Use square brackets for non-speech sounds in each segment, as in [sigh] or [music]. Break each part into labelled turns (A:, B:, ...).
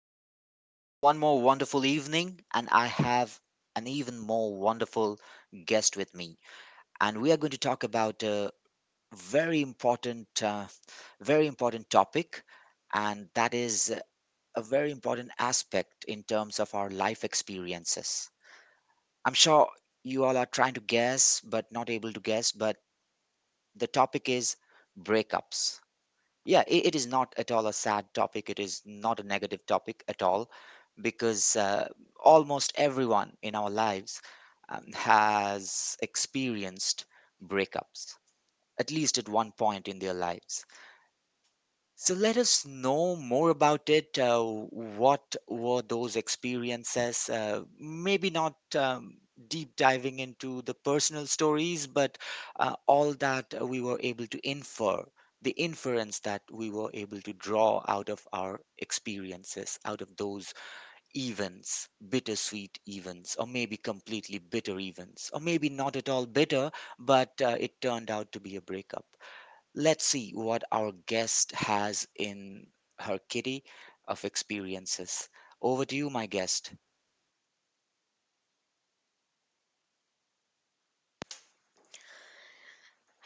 A: podcast. It's one more wonderful evening, and I have an even more wonderful guest with me. And we are going to talk about a very important, uh, very important topic, and that is a very important aspect in terms of our life experiences. I'm sure you all are trying to guess, but not able to guess, but the topic is breakups. Yeah, it is not at all a sad topic. It is not a negative topic at all because almost everyone in our lives has experienced breakups, at least at one point in their lives. So let us know more about it. What were those experiences? Maybe not deep diving into the personal stories, but all that we were able to infer, the inference that we were able to draw out of our experiences, out of those events, bittersweet events, or maybe completely bitter events, or maybe not at all bitter, but it turned out to be a breakup. Let's see what our guest has in her kitty of experiences. Over to you, my guest.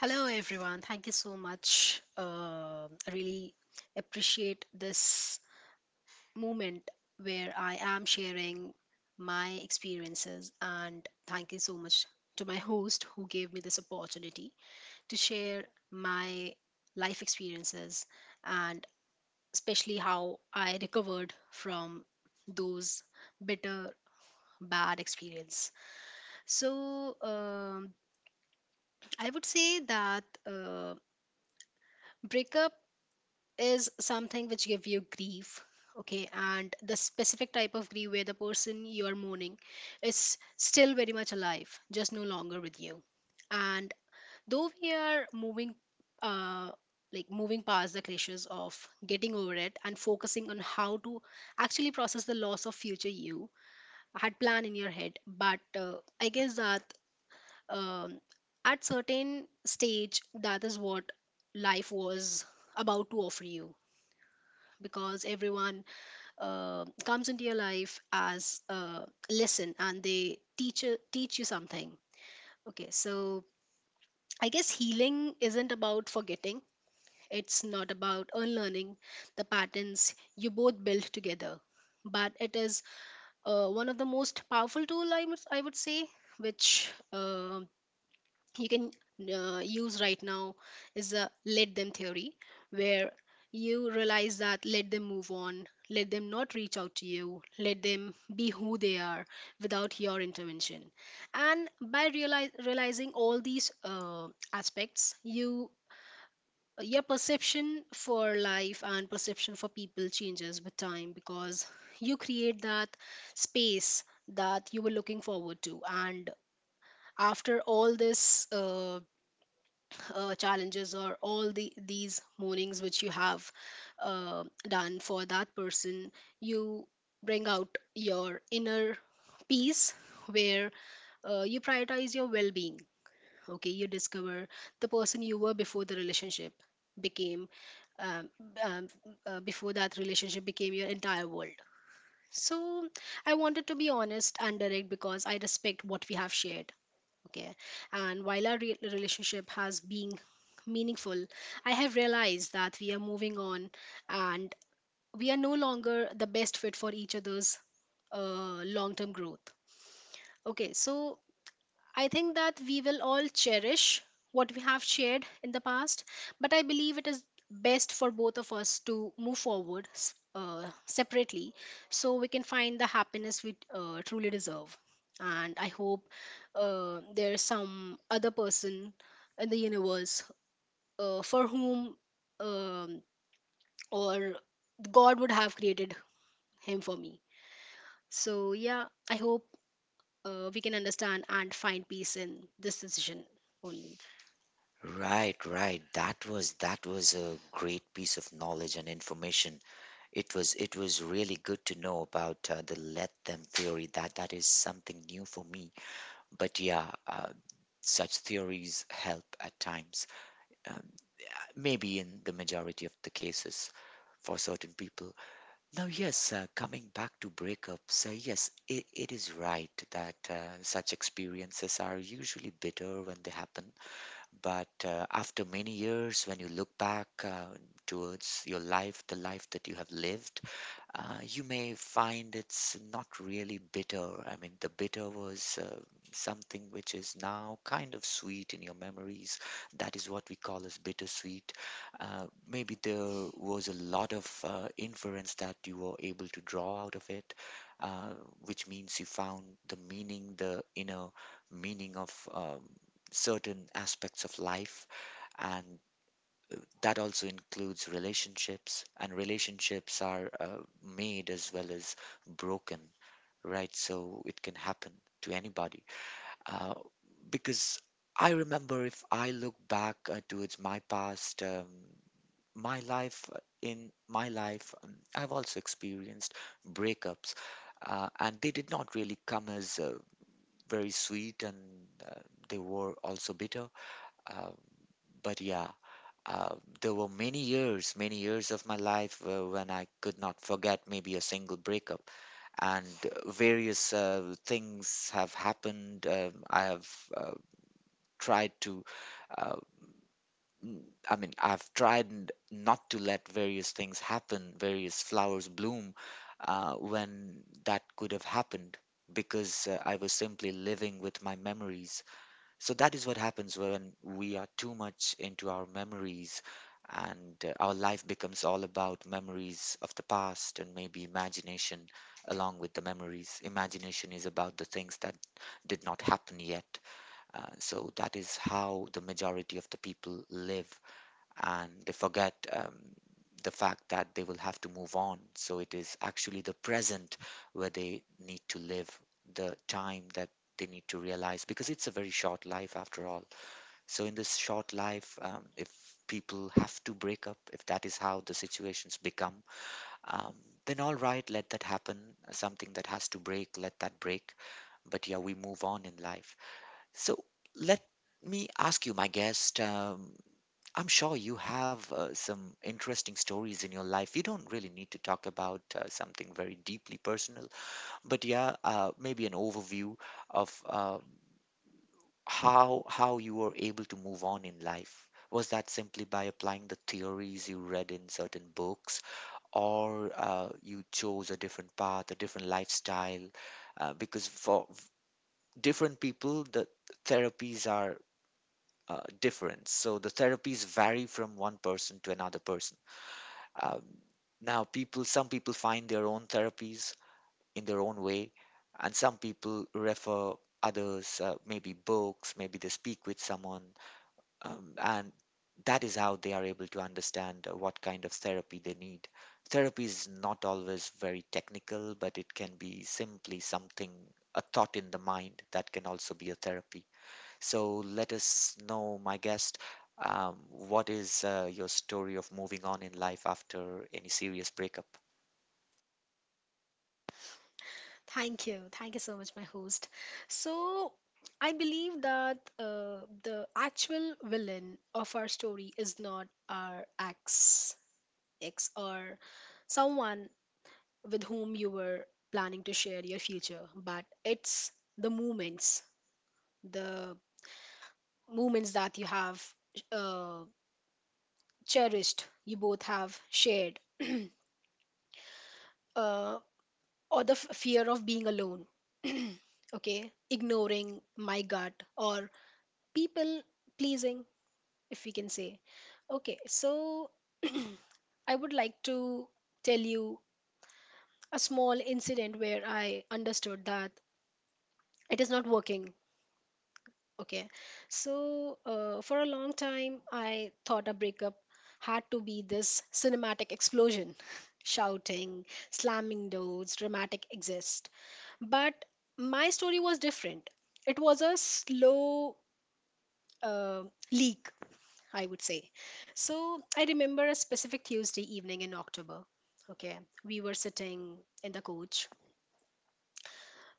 B: Hello, everyone. Thank you so much. I really appreciate this moment where I am sharing my experiences. And thank you so much to my host who gave me this opportunity to share my life experiences, and especially how I recovered from those bitter, bad experience. So I would say that breakup is something which give you grief, okay, and the specific type of grief where the person you are mourning is still very much alive, just no longer with you. And though we are uh moving past the clashes of getting over it and focusing on how to actually process the loss of future you had planned in your head. But I guess that, um, at certain stage, that is what life was about to offer you, because everyone, comes into your life as a lesson and they teach you something. Okay, so I guess healing isn't about forgetting. It's not about unlearning the patterns you both built together, but it is, one of the most powerful tool I would say, which you can use right now, is a let them theory, where you realize that let them move on, let them not reach out to you, let them be who they are without your intervention. And by realizing all these aspects, you, your perception for life and perception for people changes with time, because you create that space that you were looking forward to. And after all this challenges or all the these mornings which you have done for that person, you bring out your inner peace, where you prioritize your well-being. Okay, you discover the person you were before the relationship became, um, um, before that relationship became your entire world. So I wanted to be honest and direct because I respect what we have shared. Okay. And while our relationship has been meaningful, I have realized that we are moving on and we are no longer the best fit for each other's long term growth. Okay, so I think that we will all cherish what we have shared in the past, but I believe it is best for both of us to move forward, separately, so we can find the happiness we truly deserve. And I hope there's some other person in the universe, for whom, um, or God would have created him for me. So, yeah, I hope we can understand and find peace in this decision only.
A: Right, right. That was a great piece of knowledge and information. It was really good to know about the let them theory. That is something new for me. But yeah, such theories help at times. Um, maybe in the majority of the cases for certain people. Now, yes, coming back to breakups, yes, it is right that such experiences are usually bitter when they happen. But after many years, when you look back towards your life, the life that you have lived, you may find it's not really bitter. I mean, the bitter was something which is now kind of sweet in your memories. That is what we call as bittersweet. Maybe there was a lot of inference that you were able to draw out of it, uh, which means you found the meaning, the inner meaning of certain aspects of life. And that also includes relationships, and relationships are made as well as broken, right? So it can happen to anybody, uh, because I remember, if I look back towards my past, my life, in my life, I've also experienced breakups, and they did not really come as very sweet, and uh, they were also bitter, uh, but yeah, uh, there were many years of my life when I could not forget maybe a single breakup, and various things have happened. I have uh, tried to, uh, n- I mean, I've tried not to let various things happen, various flowers bloom, when that could have happened, because I was simply living with my memories. So that is what happens when we are too much into our memories, and our life becomes all about memories of the past and maybe imagination along with the memories. Imagination is about the things that did not happen yet. So that is how the majority of the people live, and they forget the fact that they will have to move on. So it is actually the present where they need to live, the time that they need to realize, because it's a very short life after all. So, in this short life, if people have to break up, if that is how the situations become, um, then all right, let that happen. Something that has to break, let that break. But yeah, we move on in life. So, let me ask you, my guest. I'm sure you have some interesting stories in your life. You don't really need to talk about something very deeply personal, but yeah, maybe an overview of how you were able to move on in life? Was that simply by applying the theories you read in certain books, or you chose a different path, a different lifestyle? Because different people, the therapies are different. So the therapies vary from one person to another person. Um, now, some people find their own therapies in their own way, and some people refer others, maybe books, maybe they speak with someone, and that is how they are able to understand what kind of therapy they need. Therapy is not always very technical, but it can be simply something, a thought in the mind that can also be a therapy. So let us know, my guest, what is your story of moving on in life after any serious breakup?
B: Thank you. Thank you so much, my host. So, I believe that the actual villain of our story is not our ex, or someone with whom you were planning to share your future, but it's the moments, the moments that you have uh, cherished, you both have shared, [clears throat] uh, or the fear of being alone. [clears throat] Okay, ignoring my gut or people pleasing, if we can say. Okay, so [clears throat] I would like to tell you a small incident where I understood that it is not working. Okay, so for a long time, I thought a breakup had to be this cinematic explosion, [laughs] shouting, slamming doors, dramatic exist. But my story was different. It was a slow uh, leak, I would say. So I remember a specific Tuesday evening in October. Okay, we were sitting in the coach,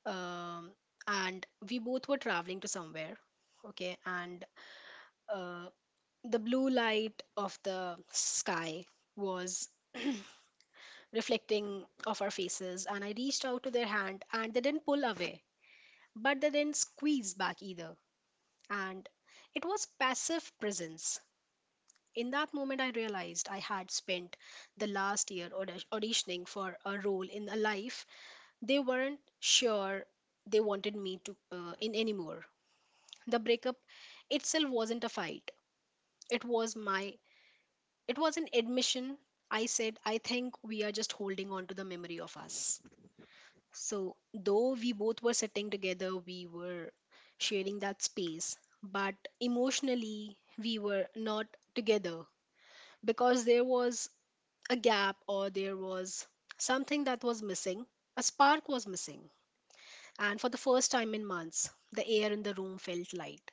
B: um, and we both were traveling to somewhere. Okay, and uh, the blue light of the sky was reflecting off our faces, and I reached out to their hand, and they didn't pull away, but they didn't squeeze back either, and it was passive presence. In that moment, I realized I had spent the last year auditioning for a role in a life they weren't sure they wanted me to in anymore. The breakup itself wasn't a fight. It was an admission. I said, I think we are just holding on to the memory of us. So, though we both were sitting together, we were sharing that space, but emotionally, we were not together, because there was a gap, or there was something that was missing. A spark was missing. And for the first time in months, the air in the room felt light.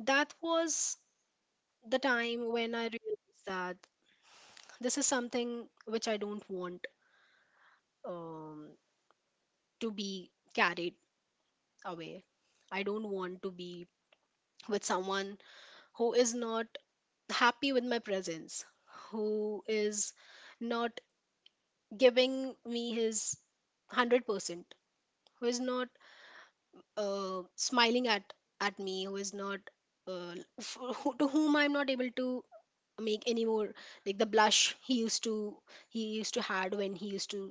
B: That was the time when I realized that this is something which I don't want, um, to be carried away. I don't want to be with someone who is not happy with my presence, who is not giving me his 100%, who is not smiling at me, who is not uh, who, to whom I'm not able to make any more, like the blush he used to, had when he used to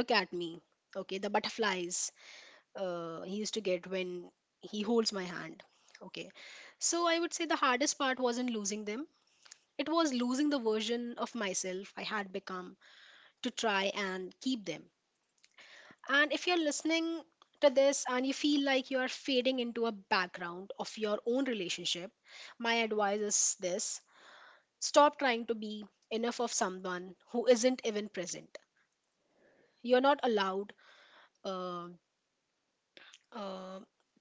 B: look at me. Okay, the butterflies he used to get when he holds my hand. Okay, so I would say the hardest part wasn't losing them, it was losing the version of myself I had become to try and keep them. And if you're listening to this and you feel like you are fading into a background of your own relationship, my advice is this: stop trying to be enough of someone who isn't even present. You're not allowed uh, uh,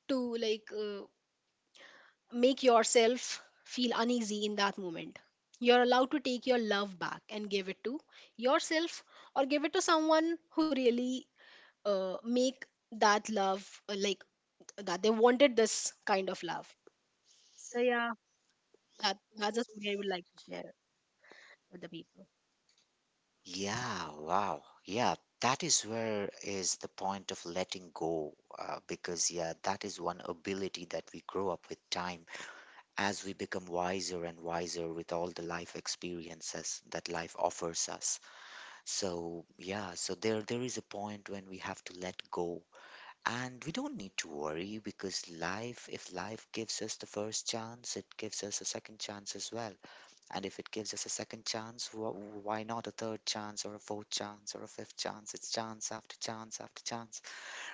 B: to make yourself feel uneasy in that moment. You're allowed to take your love back and give it to yourself, or give it to someone who really make that love, like, that they wanted this kind of love. So yeah, that's a story I would like to share with the people.
A: Yeah, wow. Yeah, that is where is the point of letting go, because yeah, that is one ability that we grow up with time, as we become wiser and wiser with all the life experiences that life offers us. So, yeah, so there is a point when we have to let go. And we don't need to worry, because life, if life gives us the first chance, it gives us a second chance as well. And if it gives us a second chance, why not a third chance or a fourth chance or a fifth chance? It's chance after chance after chance.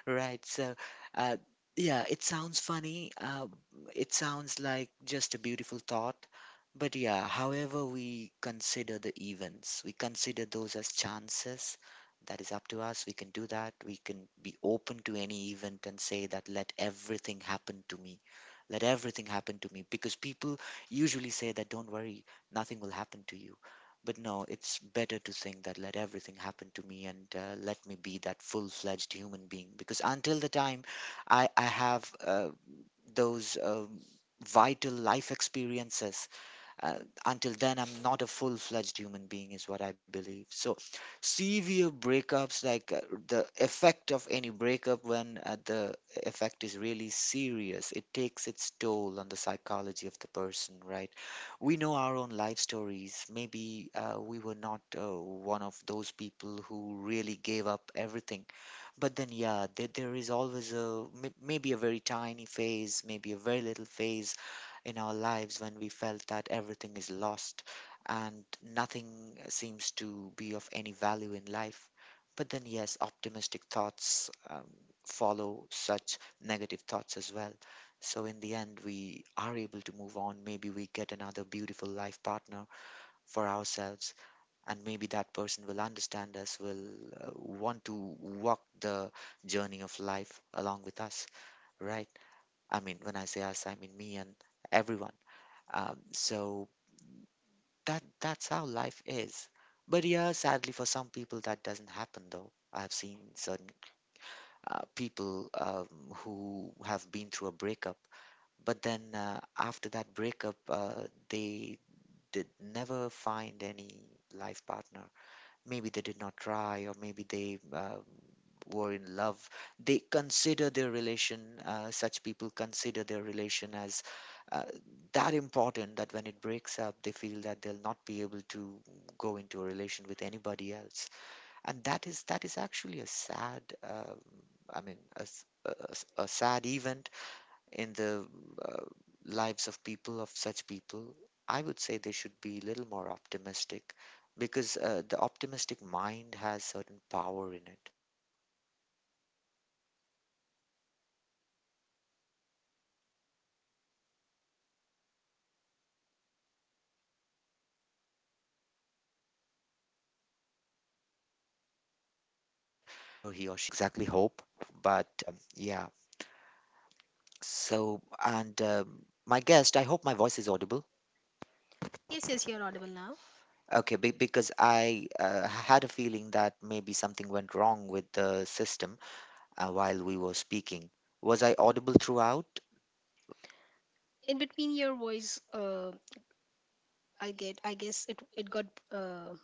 A: Right. So, uh, yeah, it sounds funny. It sounds like just a beautiful thought. But yeah, however we consider the events, we consider those as chances. That is up to us. We can do that. We can be open to any event and say that let everything happen to me. Let everything happen to me. Because people usually say that don't worry, nothing will happen to you. But no, it's better to think that let everything happen to me, and let me be that full fledged human being. Because until the time I have those vital life experiences, uh, until then, I'm not a full fledged human being, is what I believe. So, severe breakups, like the effect of any breakup when the effect is really serious, it takes its toll on the psychology of the person, right? We know our own life stories. Maybe we were not one of those people who really gave up everything. But then, yeah, there is always a maybe a very tiny phase, maybe a very little phase in our lives when we felt that everything is lost and nothing seems to be of any value in life. But then, yes, optimistic thoughts follow such negative thoughts as well. So, in the end, we are able to move on. Maybe we get another beautiful life partner for ourselves, and maybe that person will understand us, will want to walk the journey of life along with us, right? I mean, when I say us, I mean me and everyone. So that's how life is. But yeah, sadly for some people that doesn't happen though. I've seen certain people who have been through a breakup, but then after that breakup, they did never find any life partner. Maybe they did not try, or maybe they were in love, they consider their relation such people consider their relation as uh, that important, that when it breaks up they feel that they'll not be able to go into a relation with anybody else, and that is actually a sad, I mean a, a sad event in the uh, lives of people of such people. I would say they should be a little more optimistic, because the optimistic mind has certain power in it, and with that power, that person, wherever he or she is, will someday come. You know that that is not exactly hope. That is not exactly hope, but yeah. So and um, my guest, I hope my voice is audible.
B: Yes, yes, you're audible now.
A: Okay, be because I had a feeling that maybe something went wrong with the system while we were speaking. Was I audible throughout?
B: In between your voice, I get, I guess it it got uh,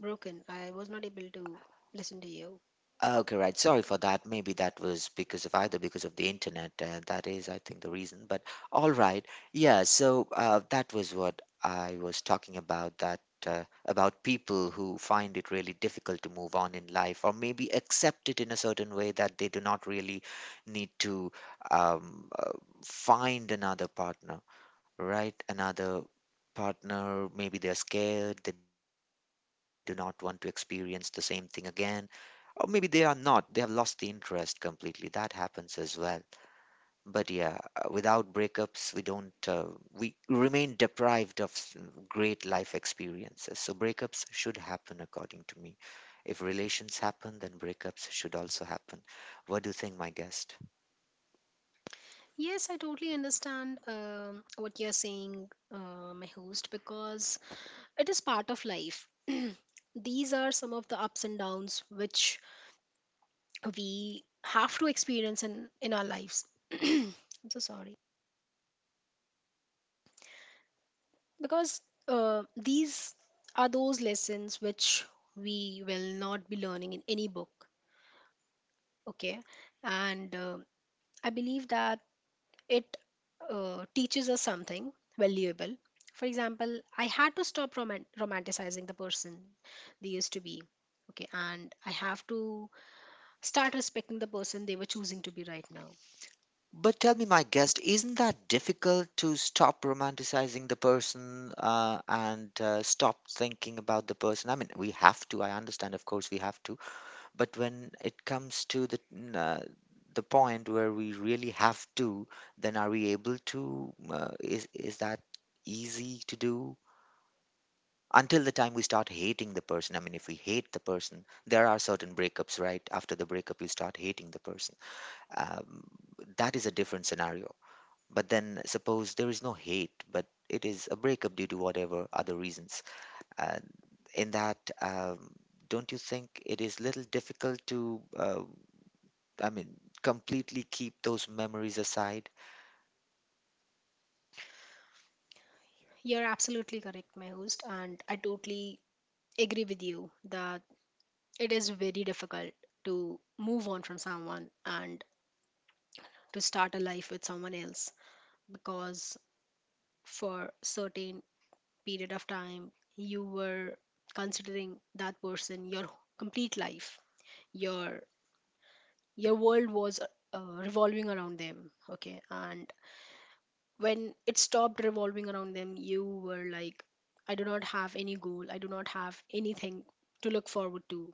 B: broken. I was not able to listen to you.
A: Okay, right. Sorry for that. Maybe that was because of either because of the internet, and that is, I think, the reason. But all right. Yeah, so that was what I was talking about, that about people who find it really difficult to move on in life or maybe accept it in a certain way that they do not really need to um, uh, find another partner, right? Another partner, maybe they're scared, they do not want to experience the same thing again, or maybe they are not. They have lost the interest completely. That happens as well. But yeah, without breakups, we don't, we remain deprived of great life experiences. So breakups should happen, according to me. If relations happen, then breakups should also happen. What do you think, my guest?
B: Yes, I totally understand what you're saying, my host, because it is part of life. [clears throat] These are some of the ups and downs which we have to experience in our lives. [clears throat] I'm so sorry. Because these are those lessons which we will not be learning in any book. Okay, and I believe that it teaches us something valuable. For example, I had to stop romanticizing the person they used to be. Okay, and I have to start respecting the person they were choosing to be right now.
A: But tell me, my guest, isn't that difficult to stop romanticizing the person and stop thinking about the person? I mean, we have to, I understand, of course, we have to. But when it comes to the the point where we really have to, then are we able to is that easy to do until the time we start hating the person? I mean, if we hate the person, there are certain breakups right after the breakup you start hating the person. um, that is a different scenario, but then suppose there is no hate but it is a breakup due to whatever other reasons, uh, in that, don't you think it is little difficult to I mean, completely keep those memories aside.
B: You're absolutely correct, my host, and I totally agree with you that it is very difficult to move on from someone and to start a life with someone else, because for certain period of time, you were considering that person your complete life. your your world was revolving around them. Okay, and when it stopped revolving around them, you were like, I do not have any goal, I do not have anything to look forward to.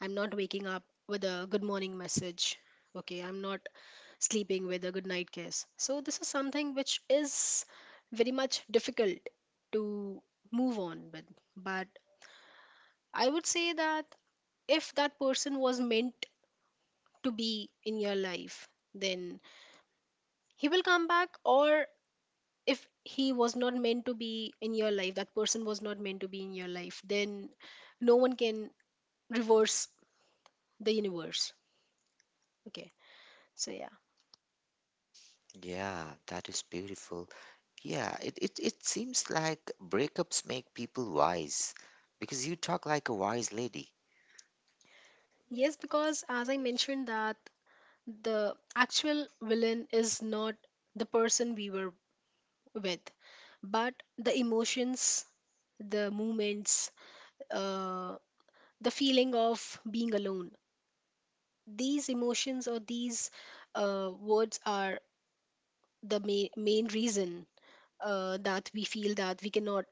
B: I'm not waking up with a good morning message. Okay, I'm not sleeping with a good night kiss. So, this is something which is very much difficult to move on with. But I would say that if that person was meant to be in your life, then he will come back. Or if he was not meant to be in your life, that person was not meant to be in your life, then no one can reverse the universe. Okay, so yeah.
A: Yeah, that is beautiful. Yeah, it seems like breakups make people wise because you talk like a wise lady.
B: Yes, because as I mentioned that the actual villain is not the person we were with, but the emotions, the movements, uh, the feeling of being alone. These emotions, or these words are the main reason that we feel that we cannot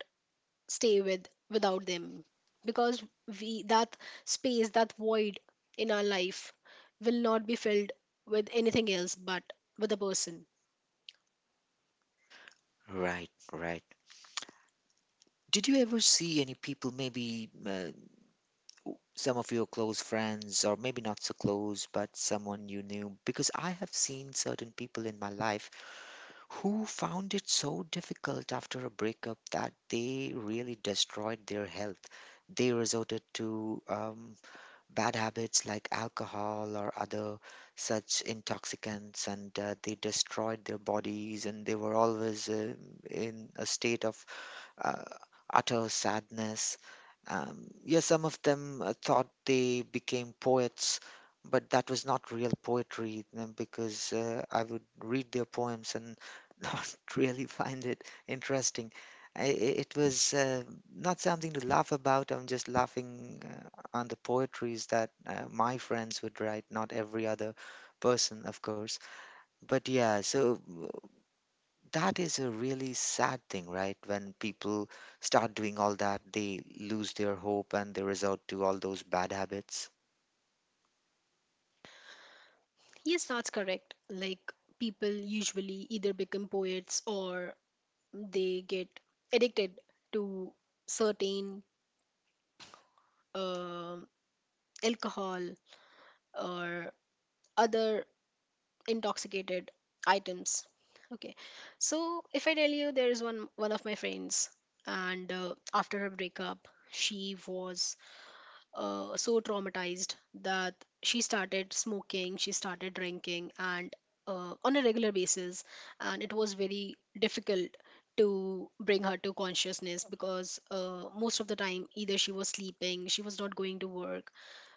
B: stay with without them, because we, that space, that void in our life will not be filled with anything else but with a person.
A: Right, right. Did you ever see any people, maybe some of your close friends, or maybe not so close, but someone you knew? Because I have seen certain people in my life who found it so difficult after a breakup that they really destroyed their health. They resorted to bad habits like alcohol or other such intoxicants, and they destroyed their bodies, and they were always in a state of uh, utter sadness. Yeah, some of them thought they became poets, but that was not real poetry because I would read their poems and [laughs] not really find it interesting. It was not something to laugh about. I'm just laughing on the poetries that my friends would write, not every other person, of course. But yeah, so that is a really sad thing, right? When people start doing all that, they lose their hope and they resort to all those bad habits.
B: Yes, that's correct. Like, people usually either become poets, or they get addicted to certain uh, alcohol or other intoxicated items. Okay, so if I tell you, there is one of my friends, and after her breakup she was so traumatized that she started smoking, she started drinking, and on a regular basis. And it was very difficult to bring her to consciousness, because most of the time either she was sleeping, she was not going to work.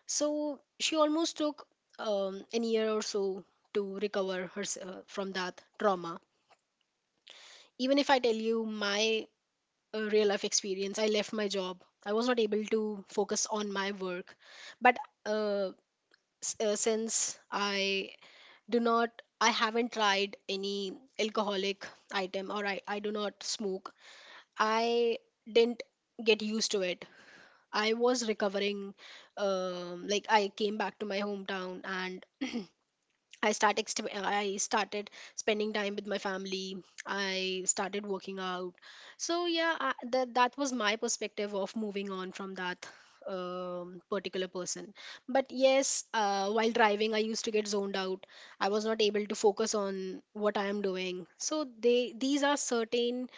B: So she almost took an year or so to recover herself from that trauma. Even if I tell you my real life experience, I left my job. I was not able to focus on my work. But uh, since I do not, I haven't tried any alcoholic item, or I do not smoke, I didn't get used to it. I was recovering, like, I came back to my hometown and I I started spending time with my family. I started working out. So yeah, I, that that was my perspective of moving on from that particular person. But yes, while driving, I used to get zoned out. I was not able to focus on what I am doing. So they these are certain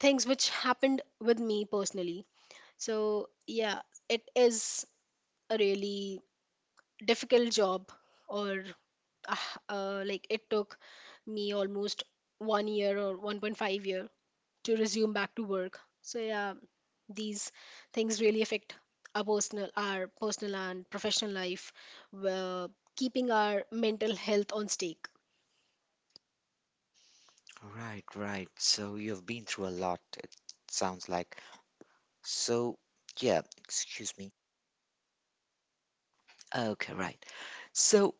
B: things which happened with me personally. So yeah, it is a really difficult job, or like, it took me almost 1 year or 1.5 year to resume back to work. So yeah, these things really affect our personal and professional life, uh, keeping our mental health on stake.
A: Right, right. So you've been through a lot, it sounds like. So, yeah, excuse me. Okay, right. So,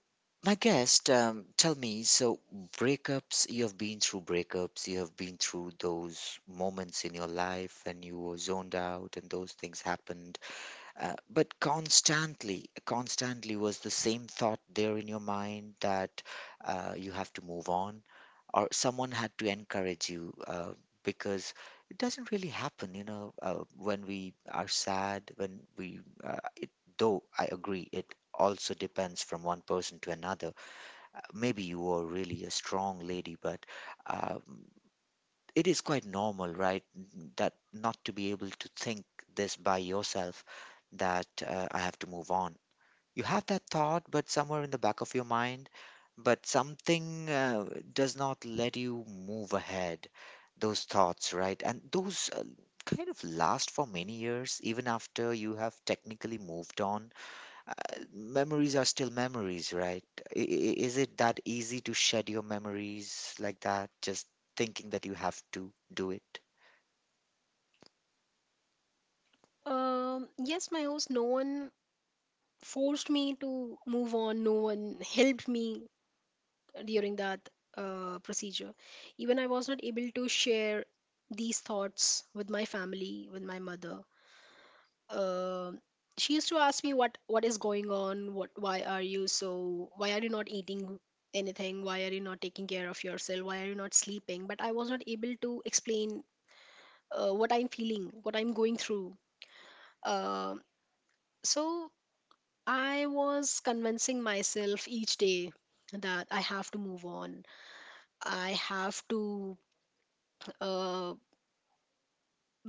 A: my guest, tell me, so breakups, you have been through breakups, you have been through those moments in your life when you were zoned out and those things happened. But constantly, constantly was the same thought there in your mind that you have to move on, or someone had to encourage you because it doesn't really happen, you know, when we are sad, when we, though I agree, it also depends from one person to another. Maybe you were really a strong lady, but um, it is quite normal, right? That not to be able to think this by yourself, that I have to move on. You have that thought, but somewhere in the back of your mind, but something does not let you move ahead. Those thoughts, right? And those kind of last for many years, even after you have technically moved on, memories are still memories, right? Is it that easy to shed your memories like that, just thinking that you have to do it?
B: yes, my host, no one forced me to move on, no one helped me during that procedure. Even I was not able to share these thoughts with my family, with my mother. uh, she used to ask me, what is going on, what, why are you so, why are you not eating anything, why are you not taking care of yourself, why are you not sleeping? But I was not able to explain what I'm feeling, what I'm going through. uh, so I was convincing myself each day that I have to move on, I have to uh,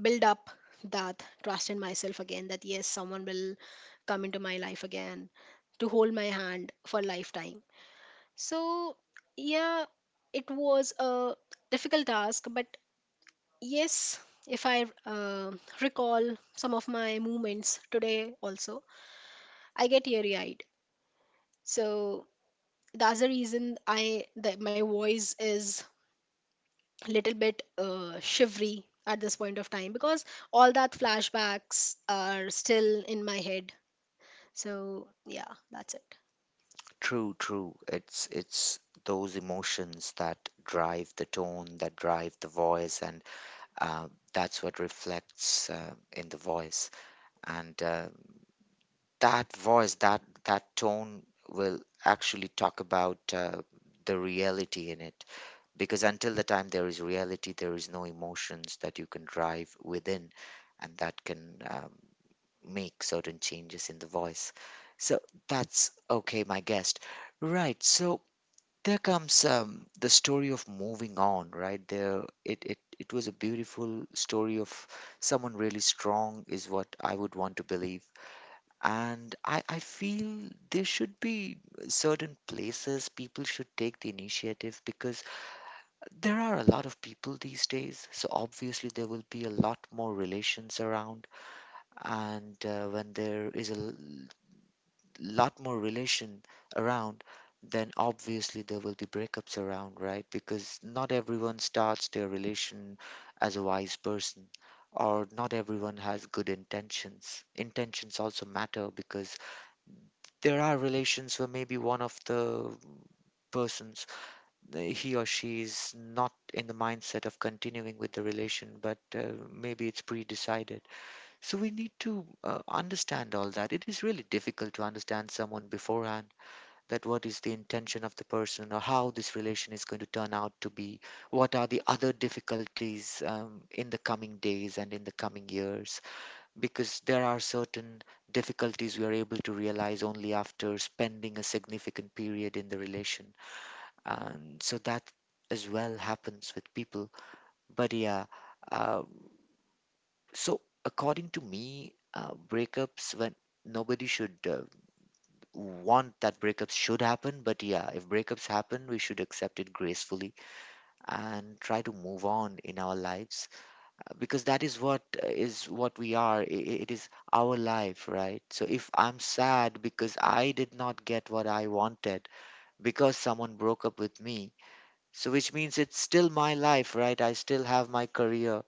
B: build up that trust in myself again, that yes, someone will come into my life again to hold my hand for lifetime. So yeah, it was a difficult task. But yes, if I recall some of my movements today also, I get teary eyed. So that's the reason, I that my voice is little bit shivery at this point of time, because all that flashbacks are still in my head. So yeah, that's it.
A: True, true. It's those emotions that drive the tone, that drive the voice, and that's what reflects in the voice. And that voice, that tone will actually talk about the reality in it. Because until the time there is reality, there is no emotions that you can drive within and that can make certain changes in the voice. So that's okay, my guest. Right. So there comes the story of moving on, right? There, it was a beautiful story of someone really strong, is what I would want to believe. And I feel there should be certain places people should take the initiative because there are a lot of people these days, so obviously there will be a lot more relations around. And when there is a lot more relation around, then obviously there will be breakups around, right? Because not everyone starts their relation as a wise person, or not everyone has good intentions. Intentions also matter because there are relations where maybe one of the persons, he or she is not in the mindset of continuing with the relation, but maybe it's pre decided. So we need to understand all that. It is really difficult to understand someone beforehand, that what is the intention of the person or how this relation is going to turn out to be, what are the other difficulties in the coming days and in the coming years, because there are certain difficulties we are able to realize only after spending a significant period in the relation, and so that as well happens with people. But yeah, uh, so according to me, breakups, when nobody should want that breakups should happen, but yeah, if breakups happen, we should accept it gracefully and try to move on in our lives, because that is what we are. It is our life, right? So if I'm sad because I did not get what I wanted because someone broke up with me, so, which means it's still my life, right? I still have my career.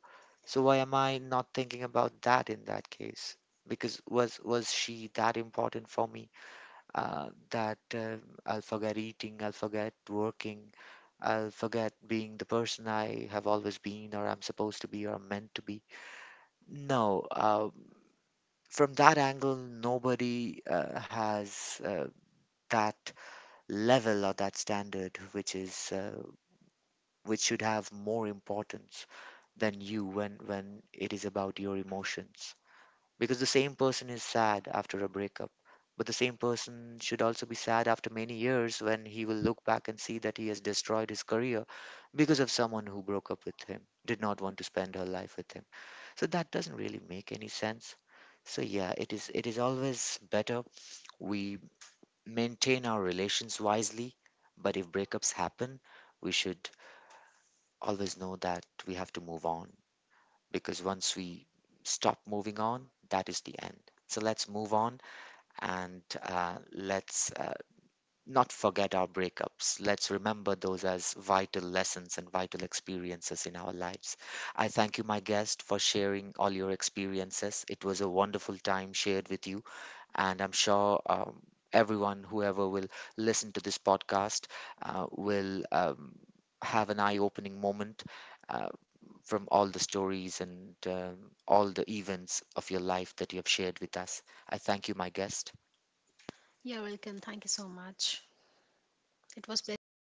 A: So why am I not thinking about that in that case? Because was she that important for me, that I'll forget eating, I'll forget working, I'll forget being the person I have always been, or I'm supposed to be, or I'm meant to be? No, from that angle, nobody has that level or that standard, which is which should have more importance than you, when it is about your emotions. Because the same person is sad after a breakup, but the same person should also be sad after many years when he will look back and see that he has destroyed his career because of someone who broke up with him, did not want to spend her life with him. So that doesn't really make any sense. So yeah, it is, it is always better we maintain our relations wisely. But if breakups happen, we should always know that we have to move on, because once we stop moving on, that is the end. So let's move on and let's not forget our breakups. Let's remember those as vital lessons and vital experiences in our lives. I thank you, my guest, for sharing all your experiences. It was a wonderful time shared with you. And I'm sure everyone, whoever will listen to this podcast, will have an eye opening moment uh, from all the stories and all the events of your life that you have shared with us. I thank you, my guest.
B: You're welcome, thank you so much, it was pleasure.